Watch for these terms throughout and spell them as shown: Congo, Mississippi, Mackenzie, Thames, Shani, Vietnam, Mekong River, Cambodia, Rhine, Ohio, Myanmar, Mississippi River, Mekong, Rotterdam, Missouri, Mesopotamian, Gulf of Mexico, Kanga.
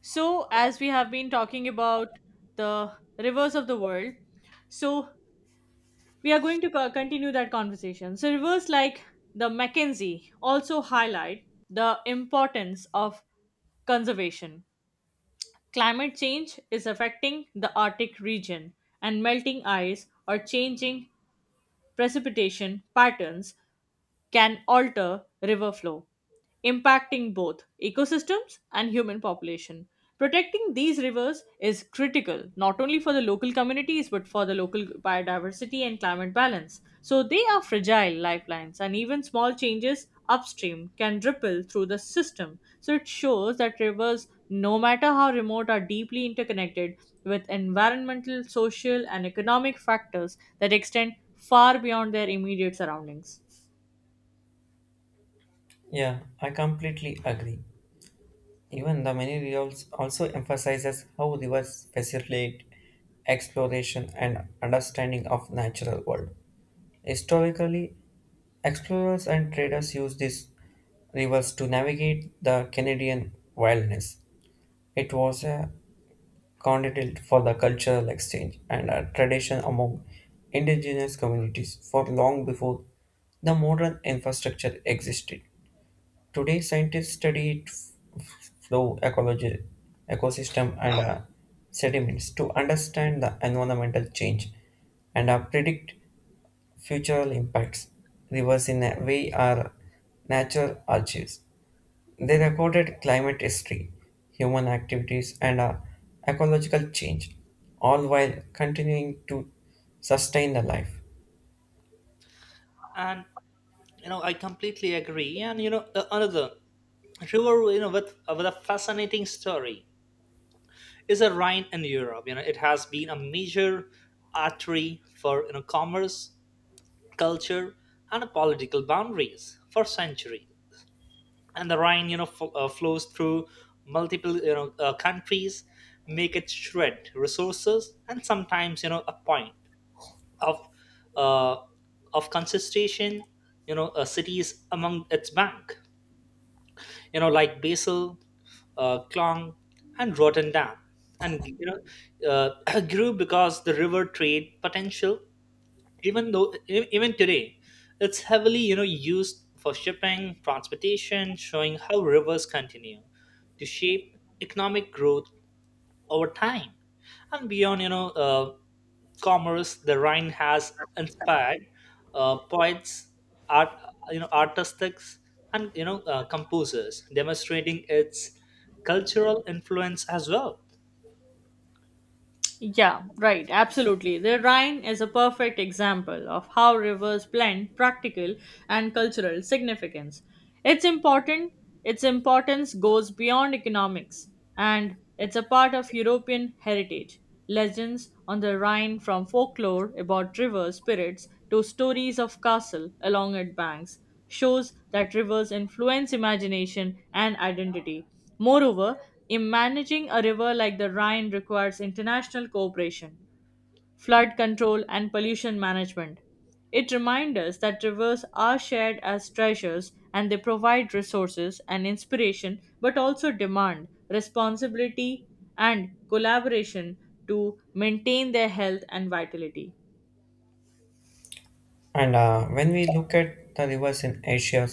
So, as we have been talking about the rivers of the world, so we are going to continue that conversation. So, rivers like the Mackenzie also highlight the importance of conservation. Climate change is affecting the Arctic region, and melting ice or changing precipitation patterns can alter river flow, impacting both ecosystems and human population. Protecting these rivers is critical not only for the local communities but for the local biodiversity and climate balance. So they are fragile lifelines, and even small changes upstream can ripple through the system. So it shows that rivers, no matter how remote, are deeply interconnected with environmental, social, and economic factors that extend far beyond their immediate surroundings. Yeah, I completely agree. Even the many reels also emphasizes how rivers facilitate exploration and understanding of natural world. Historically, explorers and traders used these rivers to navigate the Canadian wilderness. It was a continent for the cultural exchange and a tradition among indigenous communities for long before the modern infrastructure existed. Today, scientists study flow ecology, ecosystem, and sediments to understand the environmental change and predict future impacts. Rivers, in a way, are natural archives. They recorded climate history, human activities, and ecological change, all while continuing to sustain the life. And I completely agree and you know Another river with a fascinating story is the Rhine in Europe. It has been a major artery for commerce, culture, and political boundaries for centuries. And the Rhine flows through multiple countries, make it shred resources and sometimes a point of uh, of concentration. Cities among its bank, like Basil, Clong, and Rotterdam, grew because the river trade potential. Even though, even today, it's heavily used for shipping, transportation, showing how rivers continue to shape economic growth over time. And beyond, commerce, the Rhine has inspired poets, art, artists, and composers, demonstrating its cultural influence as well. Yeah, right, absolutely. The Rhine is a perfect example of how rivers blend practical and cultural significance. It's important, its importance goes beyond economics, and it's a part of European heritage. Legends on the Rhine from folklore about river spirits to stories of castle along its banks shows that rivers influence imagination and identity. Moreover, in managing a river like the Rhine requires international cooperation, flood control, and pollution management. It reminds us that rivers are shared as treasures and they provide resources and inspiration, but also demand responsibility and collaboration to maintain their health and vitality. And when we look at the rivers in Asia,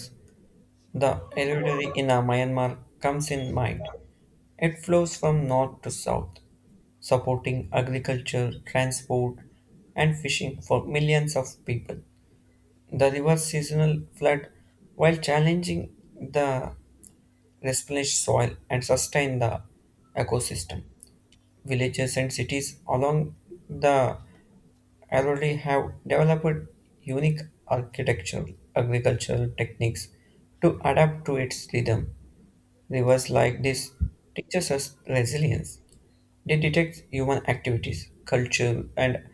the elderly in Myanmar comes in mind. It flows from north to south, supporting agriculture, transport, and fishing for millions of people. The river's seasonal flood, while challenging the replenished soil and sustain the ecosystem. Villages and cities along the already have developed unique architectural agricultural techniques to adapt to its rhythm. Rivers like this teaches us resilience. They detect human activities, culture, and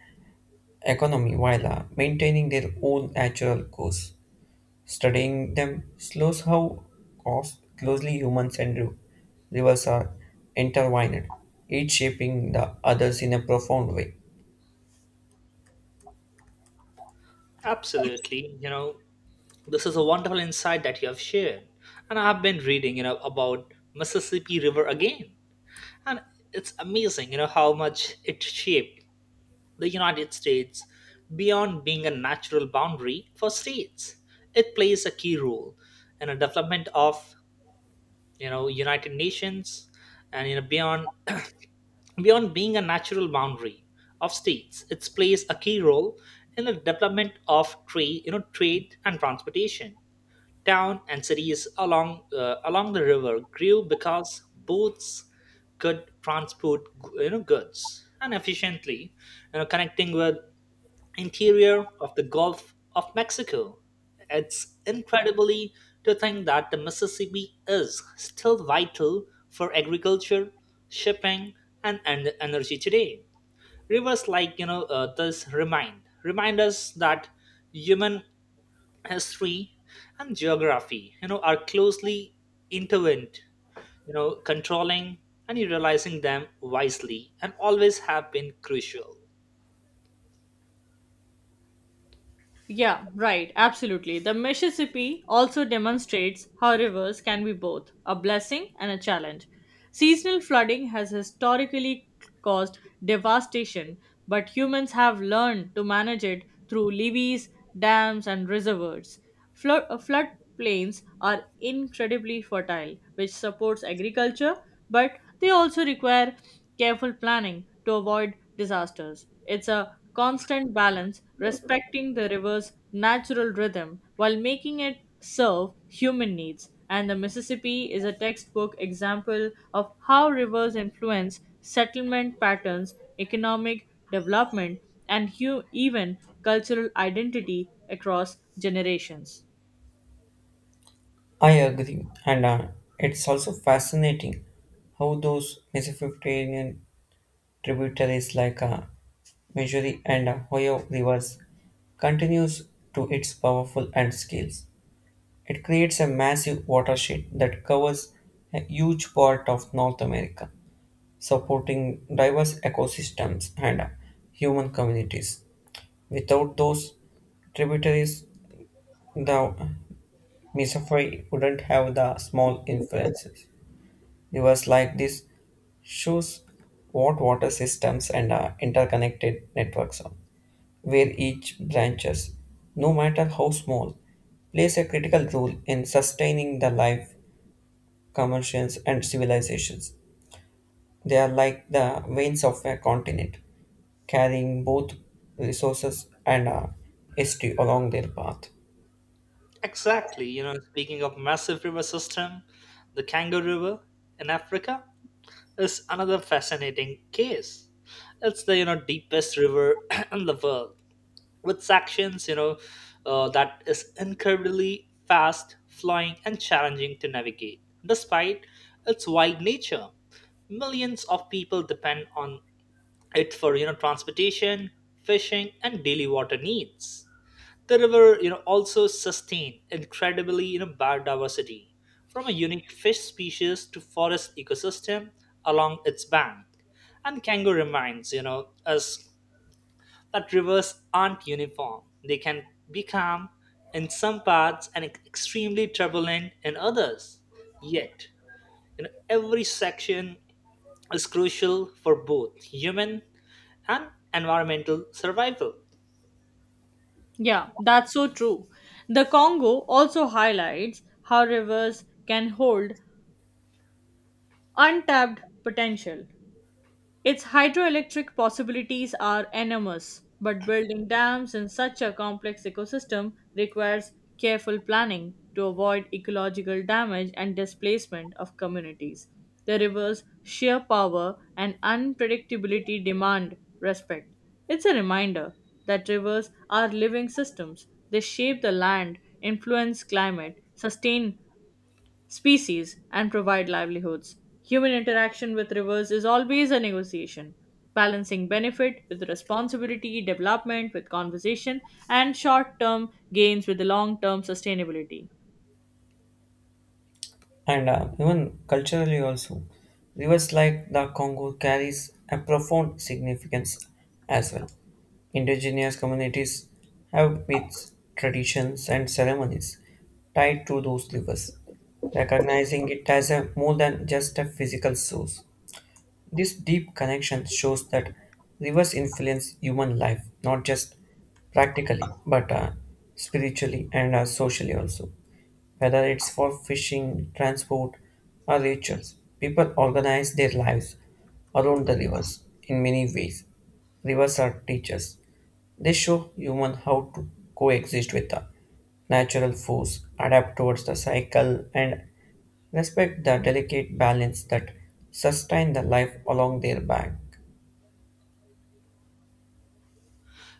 economy while maintaining their own natural course. Studying them shows how closely humans and rivers are intertwined, each shaping the others in a profound way. Absolutely. You know, this is a wonderful insight that you have shared. And I've been reading, you know, about Mississippi River again. And it's amazing, you know, how much it shaped the United States beyond being a natural boundary for states. It plays a key role in the development of, you know, United Nations and you know beyond beyond being a natural boundary of states. It plays a key role in the development of trade, you know, trade and transportation. Town and cities along along the river grew because boats could transport goods and efficiently, you know, connecting with interior of the Gulf of Mexico. It's incredibly to think that the Mississippi is still vital for agriculture, shipping, and energy today. Rivers like this remind us that human history and geography are closely intertwined, controlling and utilizing them wisely and always have been crucial. Yeah, right, absolutely. The Mississippi also demonstrates how rivers can be both a blessing and a challenge. Seasonal flooding has historically caused devastation, but humans have learned to manage it through levees, dams, and reservoirs. Flood plains are incredibly fertile, which supports agriculture, but they also require careful planning to avoid disasters. It's a constant balance, respecting the river's natural rhythm while making it serve human needs. And the Mississippi is a textbook example of how rivers influence settlement patterns, economic development, and even cultural identity across generations. I agree, and it's also fascinating how those Mesopotamian tributaries like Missouri and Ohio rivers continues to its powerful and scales. It creates a massive watershed that covers a huge part of North America, supporting diverse ecosystems and human communities. Without those tributaries, the Mississippi wouldn't have the small influences. Rivers like this shows what water systems and interconnected networks are, where each branches, no matter how small, plays a critical role in sustaining the life, commercials, and civilizations. They are like the veins of a continent, carrying both resources and history along their path. Exactly. Speaking of massive river system, the Kanga River in Africa is another fascinating case. It's the deepest river in the world, with sections that is incredibly fast flowing and challenging to navigate despite its wide nature. Millions of people depend on it for transportation, fishing, and daily water needs. The river also sustain incredibly biodiversity, from a unique fish species to forest ecosystem along its bank. And Kango reminds us but rivers aren't uniform. They can be calm in some parts and extremely turbulent in others. Yet, you know, every section is crucial for both human and environmental survival. Yeah, that's so true. The Congo also highlights how rivers can hold untapped potential. Its hydroelectric possibilities are enormous, but building dams in such a complex ecosystem requires careful planning to avoid ecological damage and displacement of communities. The river's sheer power and unpredictability demand respect. It's a reminder that rivers are living systems. They shape the land, influence climate, sustain species and provide livelihoods. Human interaction with rivers is always a negotiation, balancing benefit with responsibility, development with conservation, and short term gains with the long term sustainability. And even culturally also rivers like the Congo carries a profound significance as well. Indigenous communities have myths, traditions, and ceremonies tied to those rivers, recognizing it as a more than just a physical source. This deep connection shows that rivers influence human life not just practically but spiritually and socially also, whether it's for fishing, transport, or rituals, people organize their lives around the rivers in many ways. Rivers are teachers. They show humans how to coexist with the natural force, adapt towards the cycle, and respect the delicate balance that sustain the life along their bank.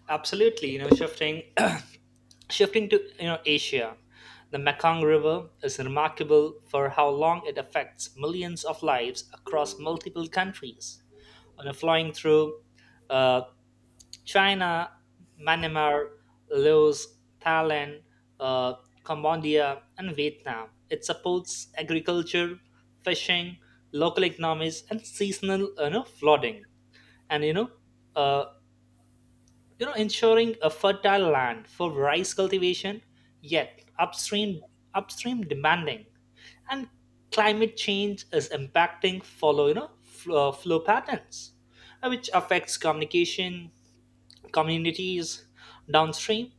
Absolutely. You know, shifting shifting to Asia, the Mekong River is remarkable for how long it affects millions of lives across multiple countries. You know, flowing through uh, China, Myanmar, Laos, Thailand, uh, Cambodia, and Vietnam. It supports agriculture, fishing, local economies, and seasonal, you know, flooding. And uh, you know, ensuring a fertile land for rice cultivation. Yet upstream demanding and climate change is impacting follow flow patterns, which affects communication, communities downstream.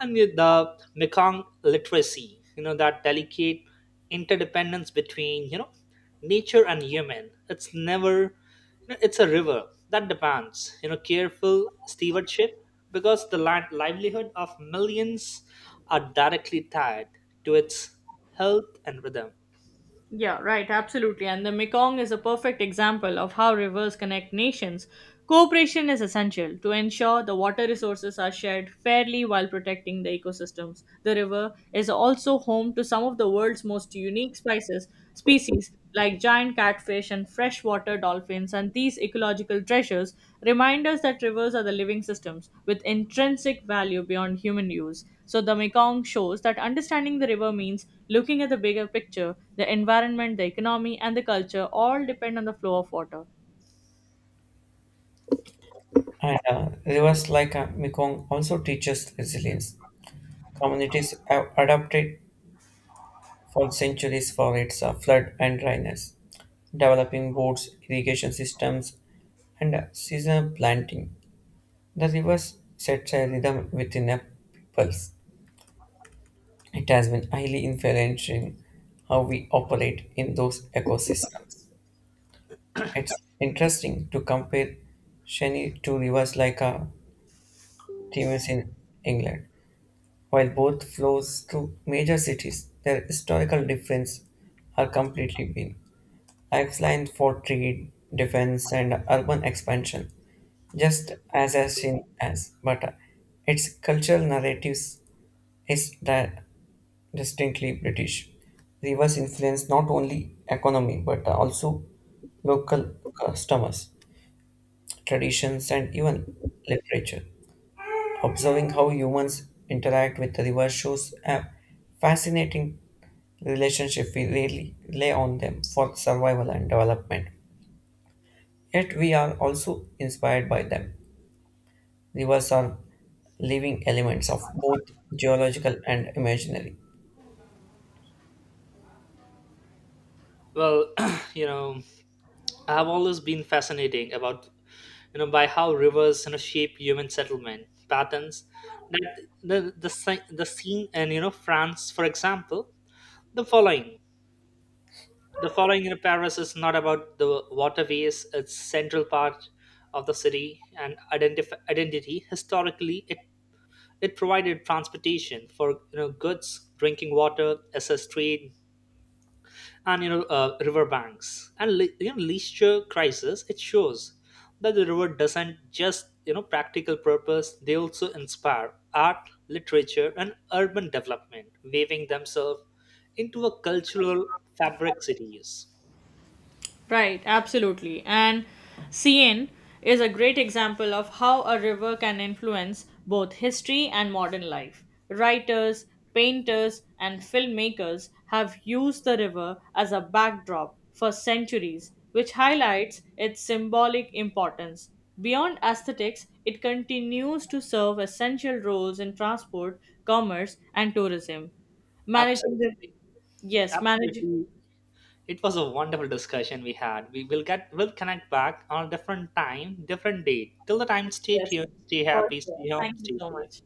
And with the Mekong literacy, that delicate interdependence between nature and human it's never it's a river that demands careful stewardship, because the livelihood of millions are directly tied to its health and rhythm. Yeah, right, absolutely. And the Mekong is a perfect example of how rivers connect nations. Cooperation is essential to ensure the water resources are shared fairly while protecting the ecosystems. The river is also home to some of the world's most unique spices, species like giant catfish and freshwater dolphins, and these ecological treasures remind us that rivers are the living systems with intrinsic value beyond human use. So, the Mekong shows that understanding the river means looking at the bigger picture the environment, the economy, and the culture all depend on the flow of water. And rivers like Mekong also teaches resilience. Communities have adapted for centuries for its flood and dryness, developing roads, irrigation systems, and seasonal planting. The rivers sets a rhythm within a peoples. It has been highly influential in how we operate in those ecosystems. It's interesting to compare Shani to rivers like Thames in England. While both flows through major cities, their historical difference are completely been lifeline for trade, defense, and urban expansion, just as seen as, but its cultural narratives is distinctly British. Rivers influence not only economy but also local customers, traditions, and even literature. Observing how humans interact with the river shows a fascinating relationship we really rely on them for survival and development. Yet we are also inspired by them. Rivers are living elements of both geological and imaginary. Well, you know, I've always been fascinating about by how rivers shape human settlement patterns. That the The scene in, you know, France, for example, the following the following in Paris is not about the waterways. Its central part of the city and identity, historically, it provided transportation for, you know, goods, drinking water, as a trade, and, you know, river banks and you know, leisure crisis. It shows that the river doesn't just, you know, practical purpose. They also inspire art, literature, and urban development, weaving themselves into a cultural fabric cities. Right, absolutely. And CN is a great example of how a river can influence both history and modern life. Writers, painters, and filmmakers have used the river as a backdrop for centuries, which highlights its symbolic importance. Beyond aesthetics, it continues to serve essential roles in transport, commerce, and tourism. Managing the absolutely yes, managing Absolutely. It was a wonderful discussion we had. We will get We'll connect back on a different time, different date. Till the time, stay yes, tuned, stay for happy, sure. stay home, Thank you stay so safe. much.